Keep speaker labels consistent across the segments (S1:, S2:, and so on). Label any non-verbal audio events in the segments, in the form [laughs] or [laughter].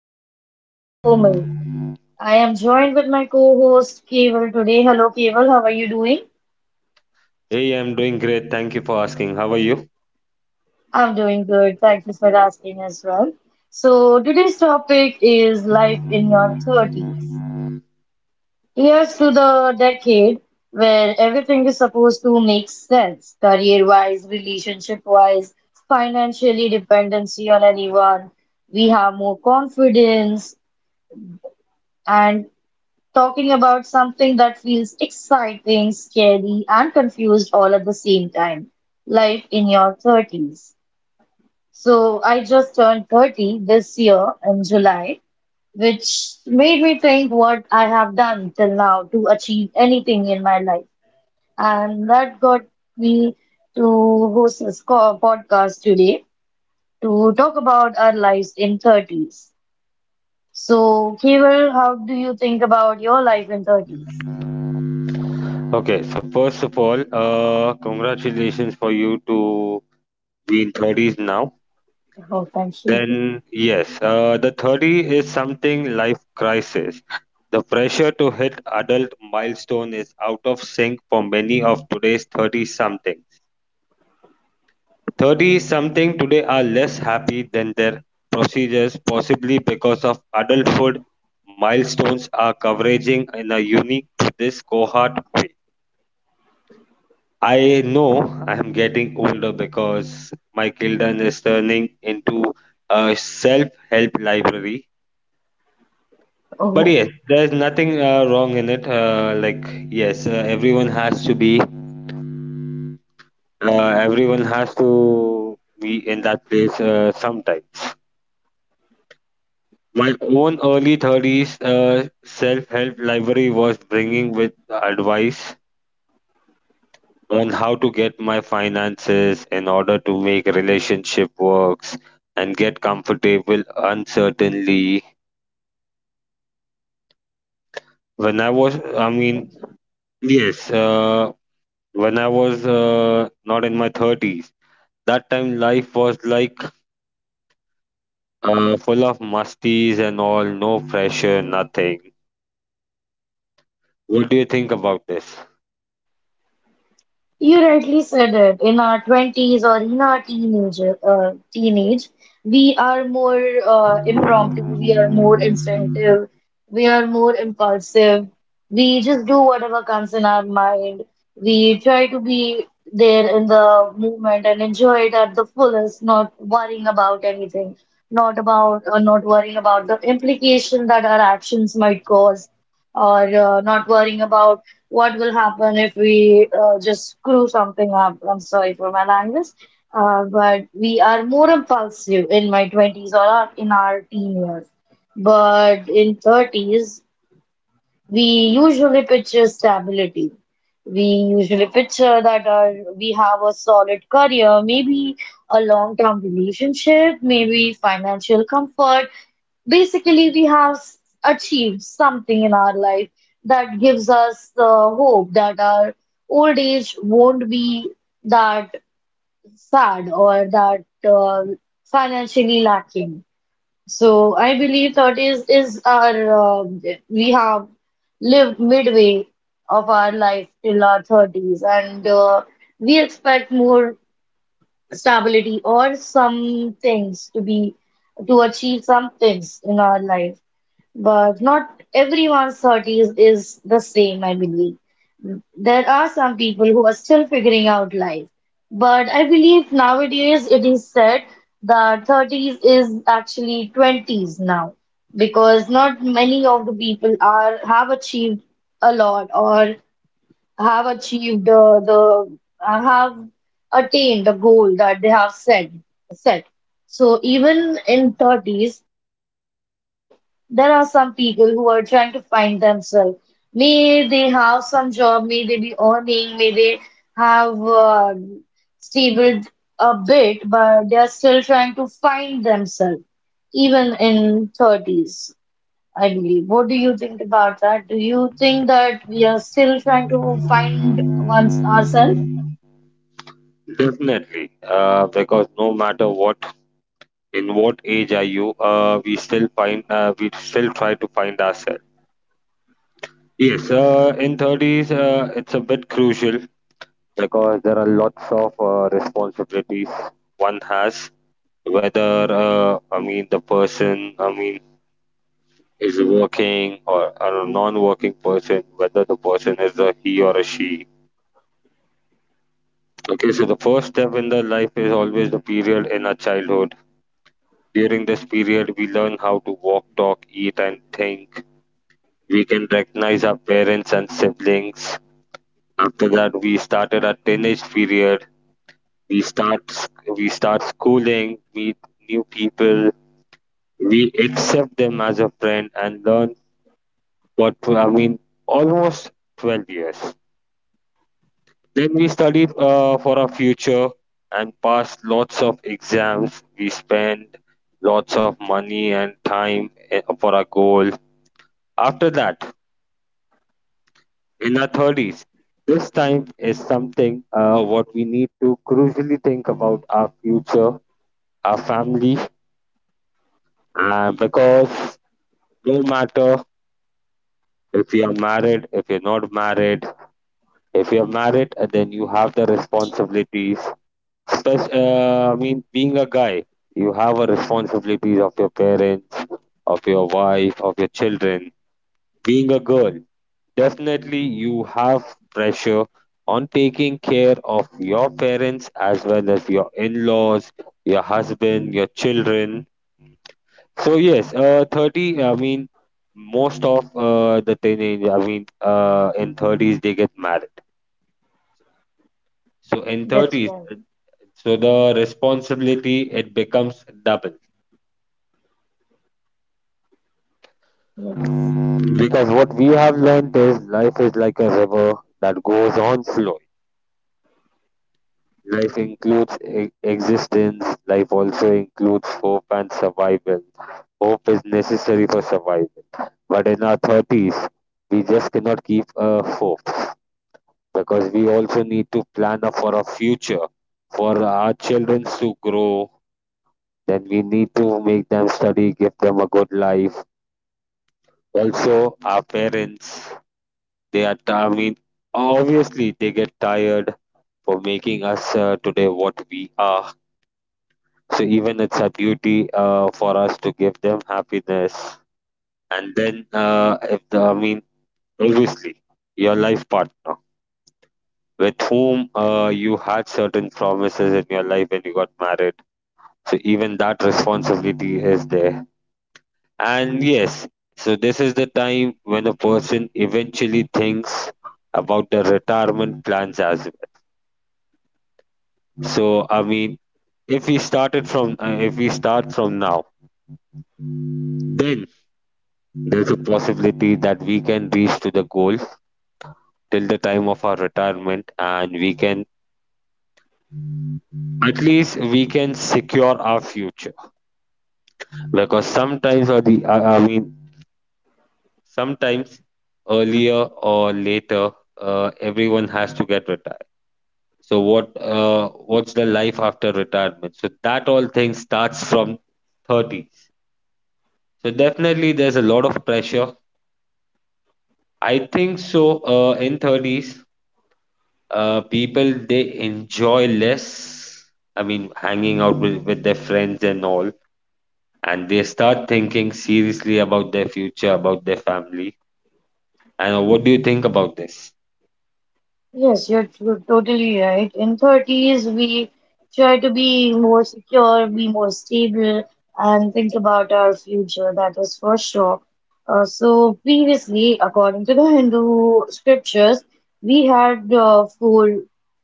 S1: is your host, Komal. I am joined with my co-host, Keval, today. Hello, Keval. How are you doing?
S2: Hey, I'm doing great. Thank you for asking. How are you?
S1: I'm doing good. Thank you for asking as well. So, today's topic is life in your 30s. Here's to the decade where everything is supposed to make sense, career-wise, relationship-wise, financially, dependency on anyone. We have more confidence, and talking about something that feels exciting, scary, and confused all at the same time life in your 30s. So, I just turned 30 this year in July, which made me think what I have done till now to achieve anything in my life. And that got me to host this podcast today to talk about our lives in 30s. So, Keval, how do you think about your life in 30s?
S2: Okay, so first of all, congratulations for you to be in 30s now.
S1: Oh, thank you.
S2: Then, yes, the 30 is something life crisis. The pressure to hit adult milestone is out of sync for many of today's 30 somethings. 30 something today are less happy than their procedures, possibly because of adulthood milestones are covering in a unique to this cohort. I know I'm getting older because my Kildan is turning into a self-help library. But
S1: Oh,
S2: yes, there's nothing wrong in it. Like yes, everyone has to be uh, everyone has to be in that place sometime. My own early 30s self help library was bringing with advice on how to get my finances in order to make relationship works and get comfortable uncertainly when I was I mean yes when I was not in my 30s. That time life was like full of musties and all, no pressure, nothing. What do you think about this?
S1: you rightly said it. In our 20s or in our teenager, teenage, we are more impromptu, we are more instinctive, we are more impulsive. We just do whatever comes in our mind. We try to be there in the moment and enjoy it at the fullest, not worrying about anything, not about not worrying about the implication that our actions might cause, or not worrying about what will happen if we just screw something up. I'm sorry for my language, but we are more impulsive in my 20s or in our teen years. But in 30s, we usually picture stability. We usually picture that our, we have a solid career, maybe a long-term relationship, maybe financial comfort, basically we have achieved something in our life that gives us the hope that our old age won't be that sad or that financially lacking. So I believe thirties is our we have lived midway of our life till our 30s and we expect more stability or some things to be to achieve some things in our life but not everyone's 30s is the same, I believe. There are some people who are still figuring out life. But I believe nowadays it is said that 30s is actually 20s now because not many of the people are have achieved a lot or have achieved the have attained the goal that they have set. So even in 30s there are some people who are trying to find themselves. May they have some job, may they be earning, may they have stable a bit, but they are still trying to find themselves, even in 30s, I believe. What do you think about that? Do you think that we are still trying to find one's ourselves?
S2: Definitely, because no matter what, in what age are you, we still find we still try to find ourselves. Yes, in 30s it's a bit crucial because there are lots of responsibilities one has, whether I mean the person, I mean is working or a non-working person, whether the person is a he or a she. Okay, so the first step in the life is always the period in our childhood. During this period we learn how to walk, talk, eat and think. We can recognize our parents and siblings. After that, we started our teenage period. We start schooling, meet new people. We accept them as a friend and learn what I mean. Almost 12 years. Then we studied for our future and passed lots of exams. We spent lots of money and time for our goal. After that, in our 30s. This time is something what we need to crucially think about our future, our family, because no matter if you are married, if you're not married, if you're married, then you have the responsibilities. I mean, being a guy, you have a responsibilities of your parents, of your wife, of your children. Being a girl, definitely you have pressure on taking care of your parents as well as your in-laws, your husband, your children. So yes, 30, I mean, most of the teenage, I mean, in 30s they get married. So in
S1: That's
S2: 30s,
S1: why.
S2: so the responsibility, it becomes double.
S1: Yes.
S2: Because what we have learned is life is like a river that goes on flowing. Life includes existence, life also includes hope and survival. Hope is necessary for survival. But in our 30s, we just cannot keep a hope because we also need to plan up for our future, for our children to grow. Then we need to make them study, give them a good life. Also, our parents, I mean, obviously, they get tired for making us today what we are, so even it's a duty for us to give them happiness. And then if the I mean obviously your life partner, with whom you had certain promises in your life when you got married, so even that responsibility is there. And yes, so this is the time when a person eventually thinks about the retirement plans as well. So I mean, if we start from now, then there's a possibility that we can reach to the goal till the time of our retirement, and we can, at least we can secure our future, because sometimes or the I mean sometimes, earlier or later, everyone has to get retired. So what, what's the life after retirement? So that all thing starts from 30s. So definitely there's a lot of pressure. I think so, in 30s people they enjoy less, I mean hanging out with their friends and all, and they start thinking seriously about their future, about their family. And what do you think about this?
S1: Yes, you're totally right. In 30s, we try to be more secure, be more stable, and think about our future. That is for sure. So previously, according to the Hindu scriptures, we had four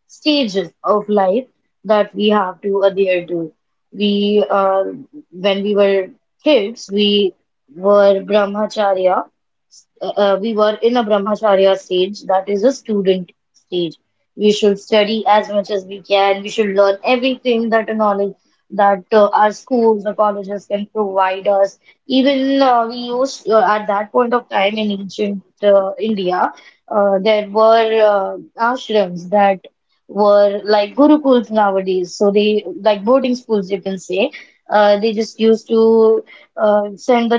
S1: stages of life that we have to adhere to. We, uh, when we were kids, were brahmacharya we were in a brahmacharya stage, that is a student stage. We should study as much as we can. We should learn everything that a knowledge that our schools, the colleges can provide us. Even we used at that point of time in ancient India, there were ashrams that were like gurukuls nowadays. So they like boarding schools, you can say. They just used to send the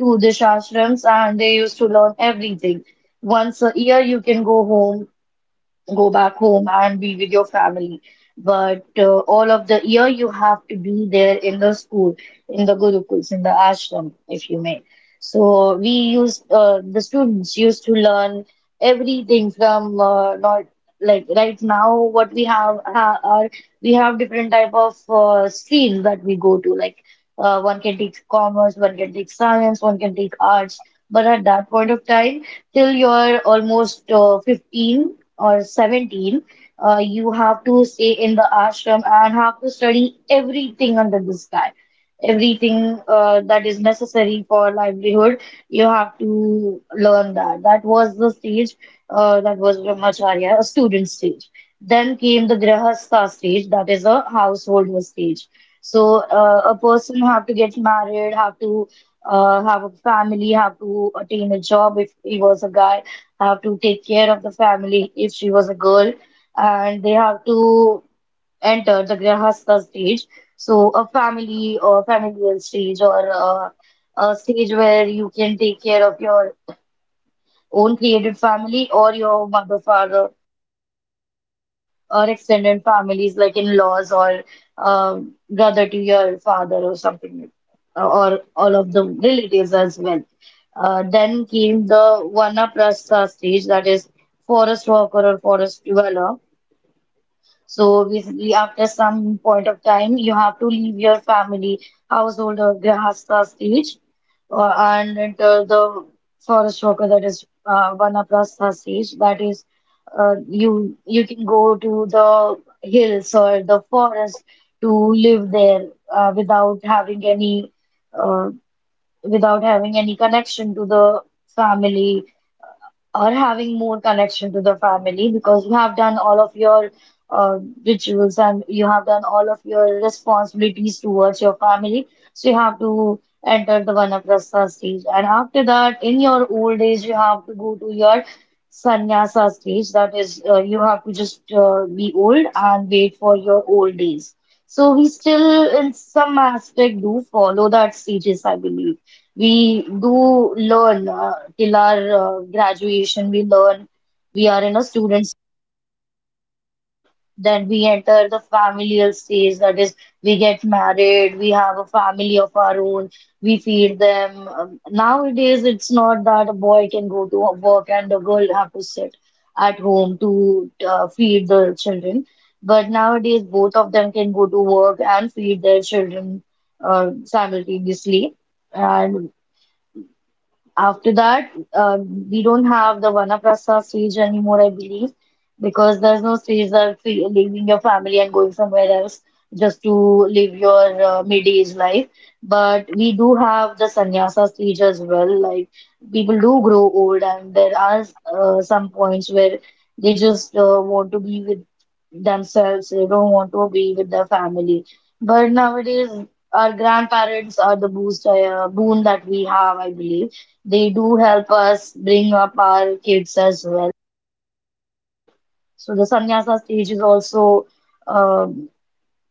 S1: to the ashrams and they used to learn everything. Once a year, you can go back home and be with your family. But all of the year you have to be there in the school, in the gurukuls, in the ashram, if you may. So the students used to learn everything from not like right now what we have different type of streams that we go to. Like one can take commerce, one can take science, one can take arts. But at that point of time, till you're almost 15 or 17, you have to stay in the ashram and have to study everything under the sky. Everything that is necessary for livelihood, you have to learn that. That was the stage that was Brahmacharya, a student stage. Then came the Grihastha stage, that is a householder stage. So a person have to get married, have to have a family, have to attain a job if he was a guy have to take care of the family if she was a girl, and they have to enter the Grihastha stage. So, a family or familial stage or a stage where you can take care of your own created family or your mother, father or extended families like in-laws or brother to your father or something like or all of the relatives as well. Then came the Vanaprastha stage that is forest worker or forest dweller so basically, after some point of time, you have to leave your family, household, or grihastha stage and enter the forest worker, that is vanaprastha stage. That is, uh, you can go to the hills or the forest to live there uh, without having any uh, without having any connection to the family or having more connection to the family because you have done all of your uh, rituals and you have done all of your responsibilities towards your family. So you have to enter the vanaprastha stage. And after that, in your old age, you have to go to your sannyasa stage. That is, you have to just be old and wait for your old days. So we still, in some aspect, do follow that stages, I believe. We do learn till our graduation, we learn. We are in a student, then we enter the familial stage, that is, we get married, we have a family of our own, we feed them. Nowadays, it's not that a boy can go to work and a girl have to sit at home to feed the children. But nowadays, both of them can go to work and feed their children simultaneously. And after that, we don't have the Vanaprastha stage anymore, I believe, because there's no stage that leaving your family and going somewhere else just to live your mid-age life. But we do have the sannyasa stage as well. Like people do grow old, and there are some points where they just want to be with themselves. They don't want to be with their family. But nowadays, our grandparents are the boon that we have, I believe they do help us bring up our kids as well. So the sannyasa stage is also, um,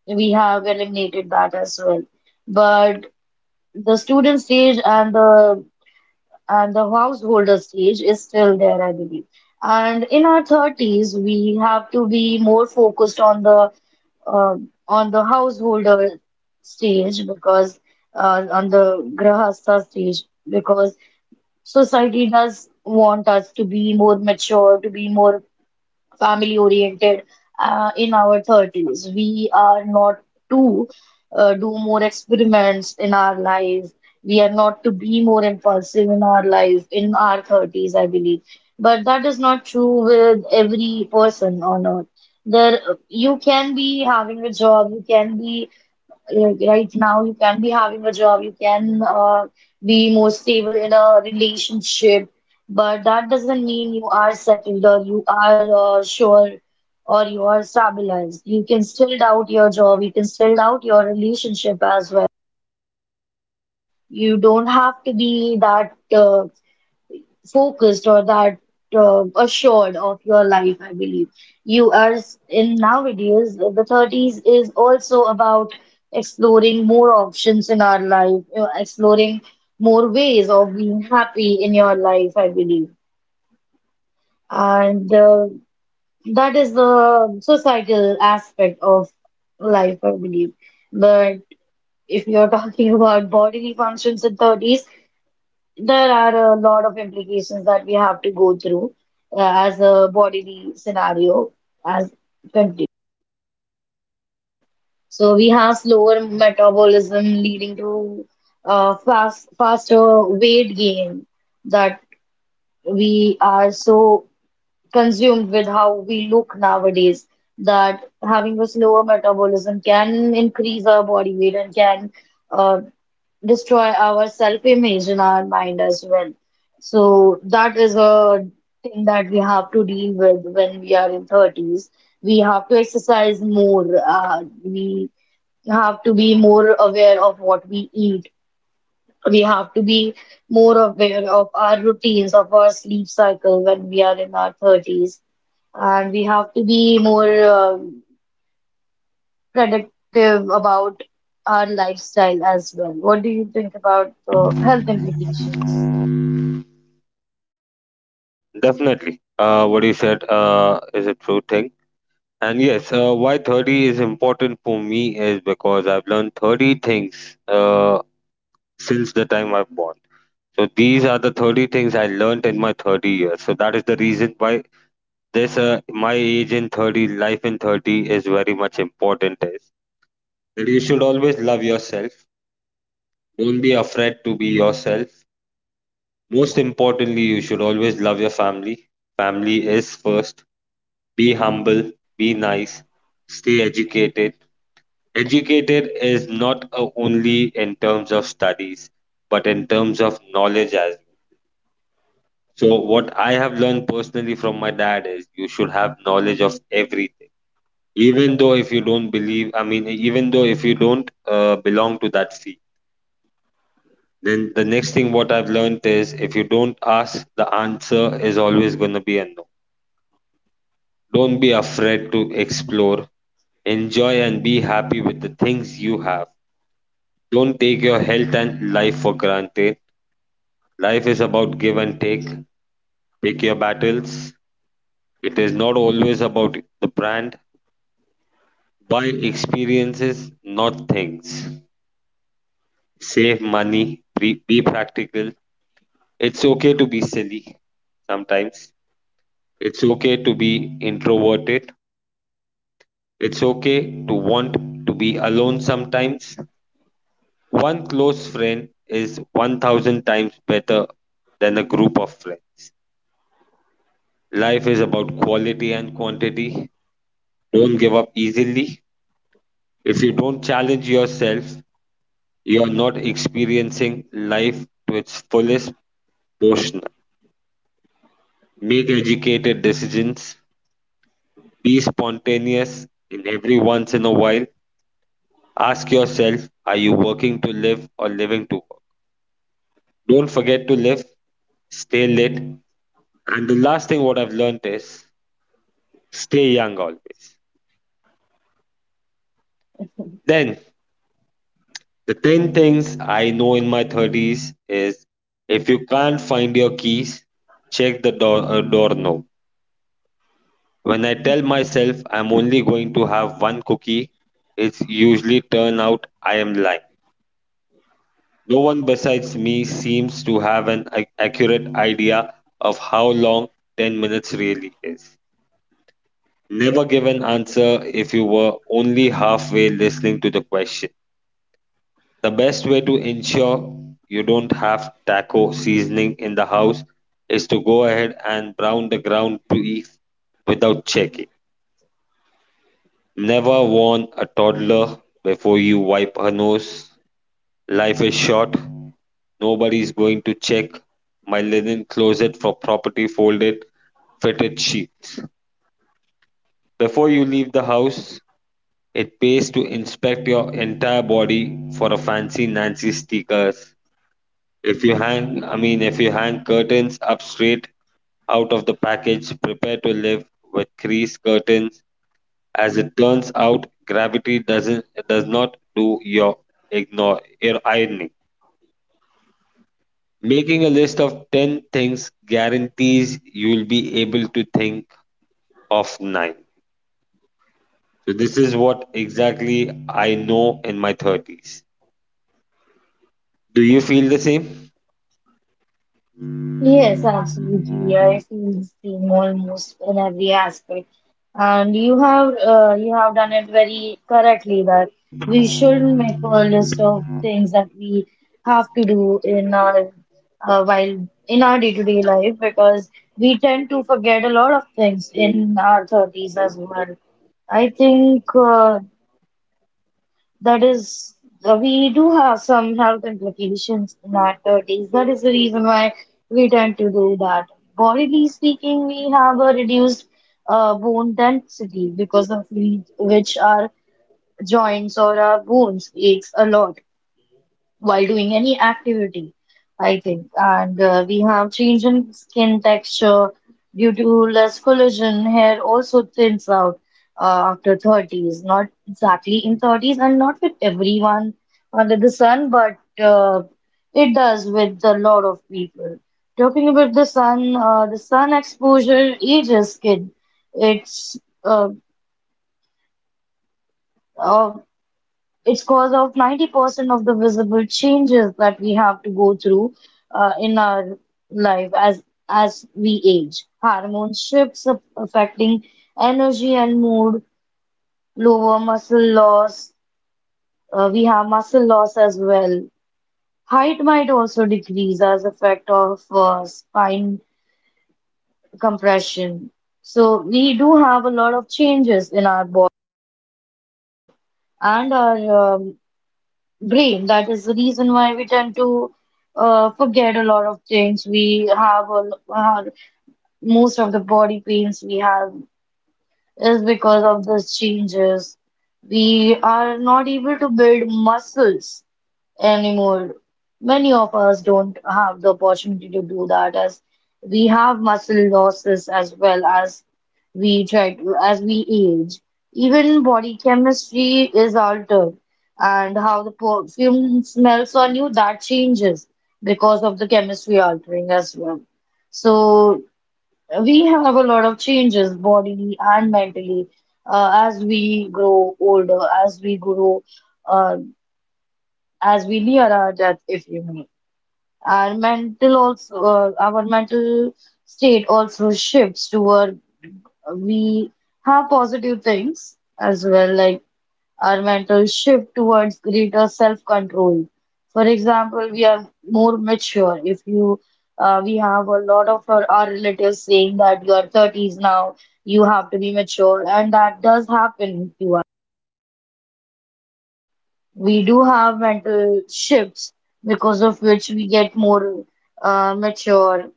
S1: we have eliminated that as well. But the student stage and the householder stage is still there, I believe. And in our 30s, we have to be more focused on the householder stage because on the grahastha stage because society does want us to be more mature, to be more family oriented in our 30s. We are not to do more experiments in our life. We are not to be more impulsive in our life in our 30s, I believe. But that is not true with every person on earth. There, you can be like right now you can be having a job, you can be more stable in a relationship, but that doesn't mean you are settled or you are sure or you are stabilized. You can still doubt your job, you can still doubt your relationship as well. You don't have to be that focused or that assured of your life, I believe. In nowadays, the 30s is also about exploring more options in our life, you know, exploring more ways of being happy in your life, I believe. And that is the societal aspect of life, I believe. But if you're [laughs] talking about bodily functions in 30s, there are a lot of implications that we have to go through as a bodily scenario as country. So we have slower metabolism leading to faster weight gain that we are so consumed with how we look nowadays that having a slower metabolism can increase our body weight and can uh, destroy our self-image in our mind as well. So that is a thing that we have to deal with when we are in 30s. We have to exercise more. We have to be more aware of what we eat. We have to be more aware of our routines, of our sleep cycle when we are in our 30s. And we have to be more predictive about our lifestyle as well. What do you think about the health implications?
S2: Definitely, what you said is a true thing. And yes, why 30 is important for me is because I've learned 30 things since the time I've born. So these are the 30 things I learned in my 30 years. So that is the reason why this, my age in 30, life in 30 is very much important is that you should always love yourself. Don't be afraid to be yourself. Most importantly, you should always love your family. Family is first. Be humble, be nice, stay educated. Educated is not only in terms of studies, but in terms of knowledge as well. So what I have learned personally from my dad is you should have knowledge of everything, even though if you don't believe, I mean even though if you don't belong to that field. Then the next thing what I've learned is if you don't ask, the answer is always going to be a no. Don't be afraid to explore. Enjoy and be happy with the things you have. Don't take your health and life for granted. Life is about give and take. Pick your battles. It is not always about the brand. Buy experiences, not things. Save money. Be practical. It's okay to be silly sometimes. It's okay to be introverted. It's okay to want to be alone sometimes. One close friend is 1000 times better than a group of friends. Life is about quality and quantity. Don't give up easily. If you don't challenge yourself, you are not experiencing life to its fullest portion. Make educated decisions. Be spontaneous in every once in a while. Ask yourself, are you working to live or living to work? Don't forget to live, stay lit. And the last thing what I've learned is stay young always. Then the 10 things I know in my 30s is: if you can't find your keys, check the door, door knob. When I tell myself I'm only going to have one cookie, it's usually turn out I am lying. No one besides me seems to have an accurate idea of how long 10 minutes really is. Never give an answer if you were only halfway listening to the question. The best way to ensure you don't have taco seasoning in the house is to go ahead and brown the ground beef without checking. Never warn a toddler before you wipe her nose. Life is short. Nobody is going to check my linen closet for properly folded, fitted sheets. Before you leave the house, it pays to inspect your entire body for a fancy Nancy stickers. If you hang, I mean, If you hang curtains up straight out of the package, prepare to live with crease curtains. As it turns out, gravity doesn't does not do your ignore your ironing. Making a list of 10 things guarantees you'll be able to think of 9. So, this is what exactly I know in my 30s. Do you feel the same?
S1: Yes, absolutely. I feel the same almost in every aspect. And you have done it very correctly that we should make a list of things that we have to do in our while in our day-to-day life because we tend to forget a lot of things in our 30s as well. I think That is, We do have some health implications in our 30s. That is the reason why we tend to do that. Bodily speaking, we have a reduced bone density because of which our joints or our bones aches a lot while doing any activity, I think. And we have change in skin texture due to less collagen. Hair also thins out after 30s, not exactly in 30s and not with everyone under the sun, but it does with a lot of people. Talking about the sun exposure ages skin. It's uh, uh, it's cause of 90% of the visible changes that we have to go through in our life as we age. Hormone shifts affecting energy and mood, lower muscle loss. We have muscle loss as well. Height might also decrease as effect of spine compression. So we do have a lot of changes in our body and our brain. That is the reason why we tend to forget a lot of things. We have a, l- Most of the body pains we have is because of these changes. We are not able to build muscles anymore. Many of us don't have the opportunity to do that as we have muscle losses as well as we try to, as we age. Even body chemistry is altered, and how the perfume smells on you, that changes because of the chemistry altering as well. So we have a lot of changes bodily and mentally as we grow older, as we grow, uh, as we near our death, if you may. Our mental state also shifts toward we have positive things as well, like our mental shift towards greater self-control. For example, we are more mature. If you, We have a lot of our relatives saying that you are 30s now, you have to be mature, and that does happen to us. We do have mental shifts because of which we get more mature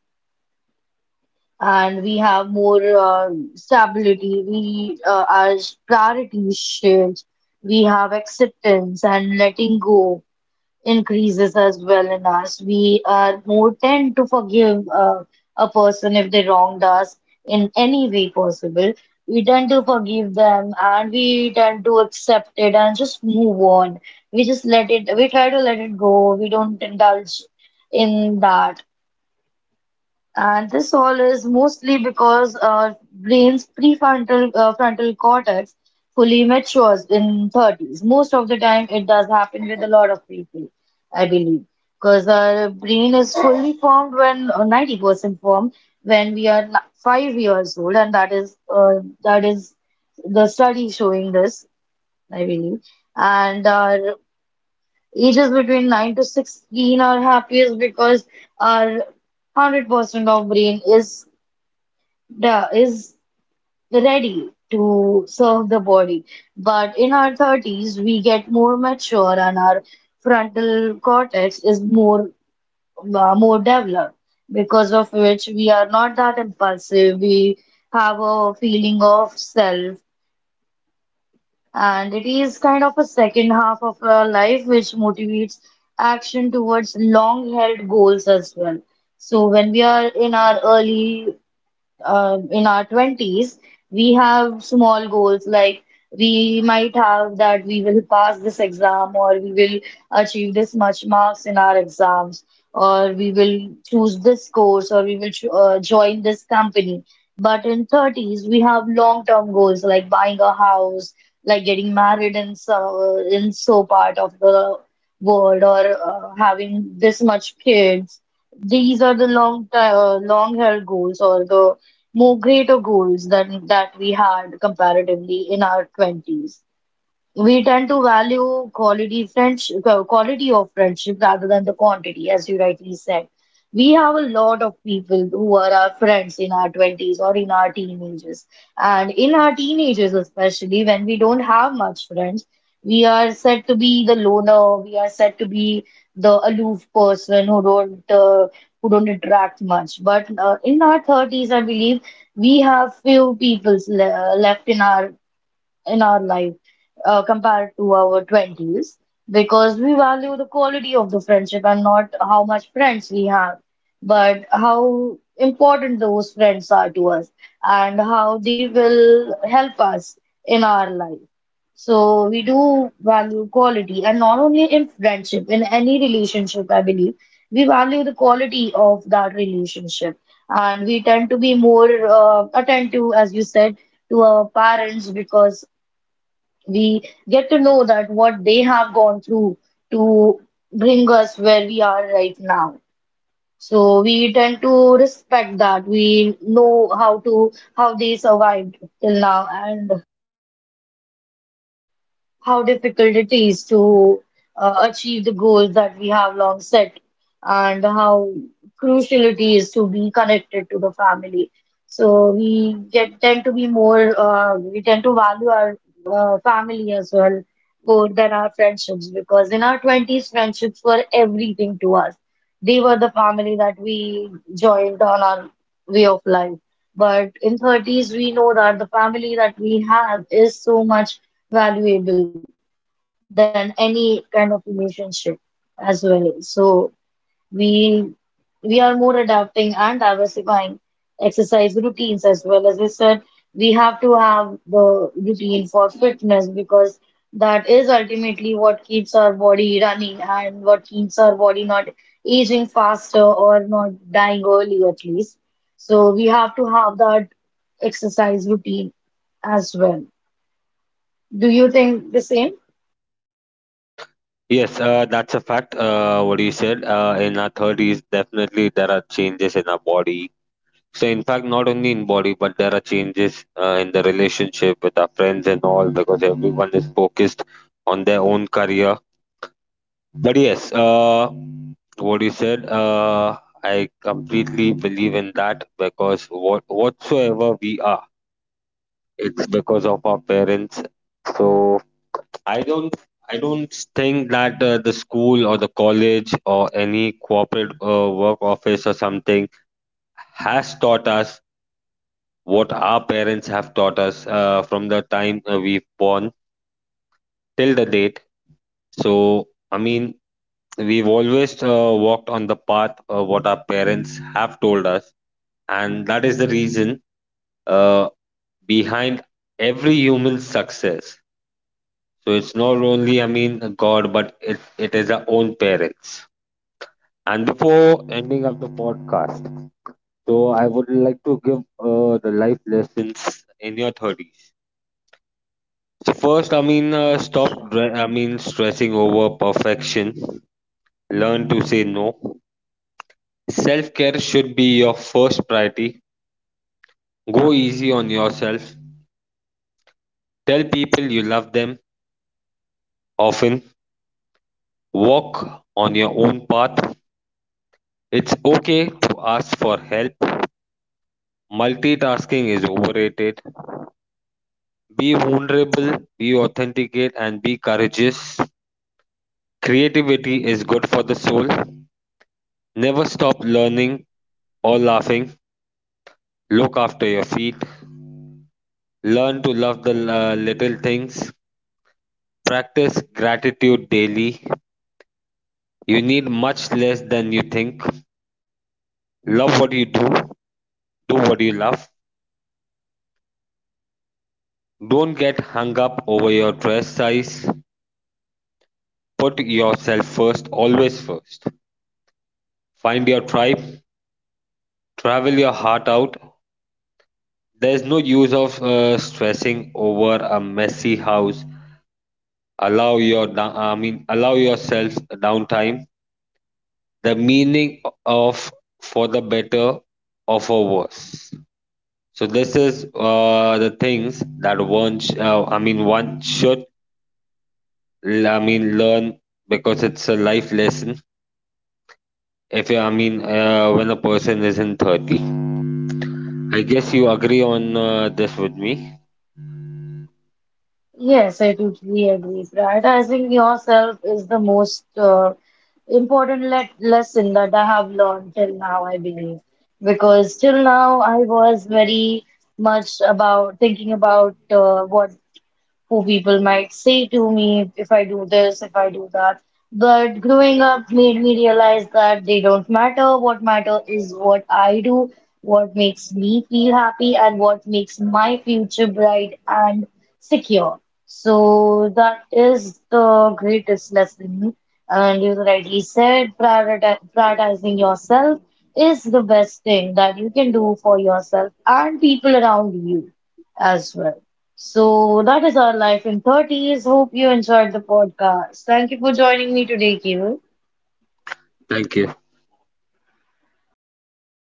S1: and we have more stability. We Our priorities shift. We have acceptance and letting go increases as well in us. We are more tend to forgive a person if they wronged us in any way possible. We tend to forgive them and we tend to accept it and just move on. We try to let it go. We don't indulge in that. And this all is mostly because our brain's prefrontal frontal cortex fully matures in 30s. Most of the time, it does happen with a lot of people, I believe, because our brain is fully formed when or 90% formed when we are 5 years old, and that is the study showing this, I believe. And our ages between 9 to 16 are happiest because our 100% of brain is the is ready to serve the body. But in our 30s, we get more mature and our frontal cortex is more developed, because of which we are not that impulsive. We have a feeling of self, and it is kind of a second half of our life which motivates action towards long-held goals as well. So when we are in our early in our 20s, we have small goals like we might have that we will pass this exam or we will achieve this much marks in our exams or we will choose this course or we will join this company. But in 30s, we have long-term goals like buying a house, like getting married in so part of the world or having this much kids, these are the long held goals or the more greater goals than that we had comparatively in our 20s. We tend to value quality of friendship rather than the quantity, as you rightly said. We have a lot of people who are our friends in our 20s or in our teenagers. And in our teenagers, especially when we don't have much friends, we are said to be the aloof person who don't interact much. But In our 30s, I believe we have few people le left in our life compared to our 20s because we value the quality of the friendship and not how much friends we have, but how important those friends are to us and how they will help us in our life. So we do value quality, and not only in friendship, in any relationship, I believe we value the quality of that relationship, and we tend to be more attentive, as you said, to our parents because we get to know that what they have gone through to bring us where we are right now. So we tend to respect that. We know how to how they survived till now, and how difficult it is to achieve the goals that we have long set and how crucial it is to be connected to the family. So we get tend to be more we tend to value our family as well more than our friendships because in our 20s friendships were everything to us. They were the family that we joined on our way of life. But in 30s we know that the family that we have is so much valuable than any kind of relationship as well. So we we are more adapting and diversifying exercise routines as well. As I said, we have to have the routine for fitness because that is ultimately what keeps our body running and what keeps our body not aging faster or not dying early at least. So we have to have that exercise routine as well. Do you think the same?
S2: Yes, that's a fact. What you said, in our 30s, definitely there are changes in our body. So, in fact, not only in body, but there are changes in the relationship with our friends and all, because everyone is focused on their own career. But yes, what you said, I completely believe in that, because what whatsoever we are, it's because of our parents. So I don't I don't think that the school or the college or any corporate work office or something has taught us what our parents have taught us from the time we've born till the date. So I mean, we've always walked on the path of what our parents have told us, and that is the reason uh, behind every human success. So it's not only, I mean, God, but it is our own parents. And before ending up the podcast, so I would like to give the life lessons in your 30s. So first, I mean, uh, stop,
S1: Sure.
S2: dre- I mean, stressing over perfection. Learn to say no. Self care should be your first priority. Go easy on yourself, tell people you love them often, walk on your own path. It's okay to ask for help. Multitasking is overrated. Be vulnerable, be authentic, and be courageous. Creativity is good for the soul. Never stop learning or laughing. Look after your feet. Learn to love the little things. Practice gratitude daily. You need much less than you think. Love what you do, do what you love, don't get hung up over your dress size, put yourself first, always first. Find your tribe, travel your heart out. There's no use of stressing over a messy house. Allow your Allow yourself downtime. The meaning of for the better or for worse. So this is the things that one should learn, because it's a life lesson. If you, I mean, When a person is in 30, I guess you agree on this with me.
S1: Yes, I totally agree. Prioritizing yourself is the most important le lesson that I have learned till now, I believe. Because till now, I was very much about thinking about what who people might say to me if I do this, if I do that. But growing up made me realize that they don't matter. What matter is what I do, what makes me feel happy, and what makes my future bright and secure. So that is the greatest lesson. And you rightly said, prioritizing yourself is the best thing that you can do for yourself and people around you as well. So that is our life in 30s. Hope you enjoyed the podcast. Thank you for joining me today, Kevin.
S2: Thank you.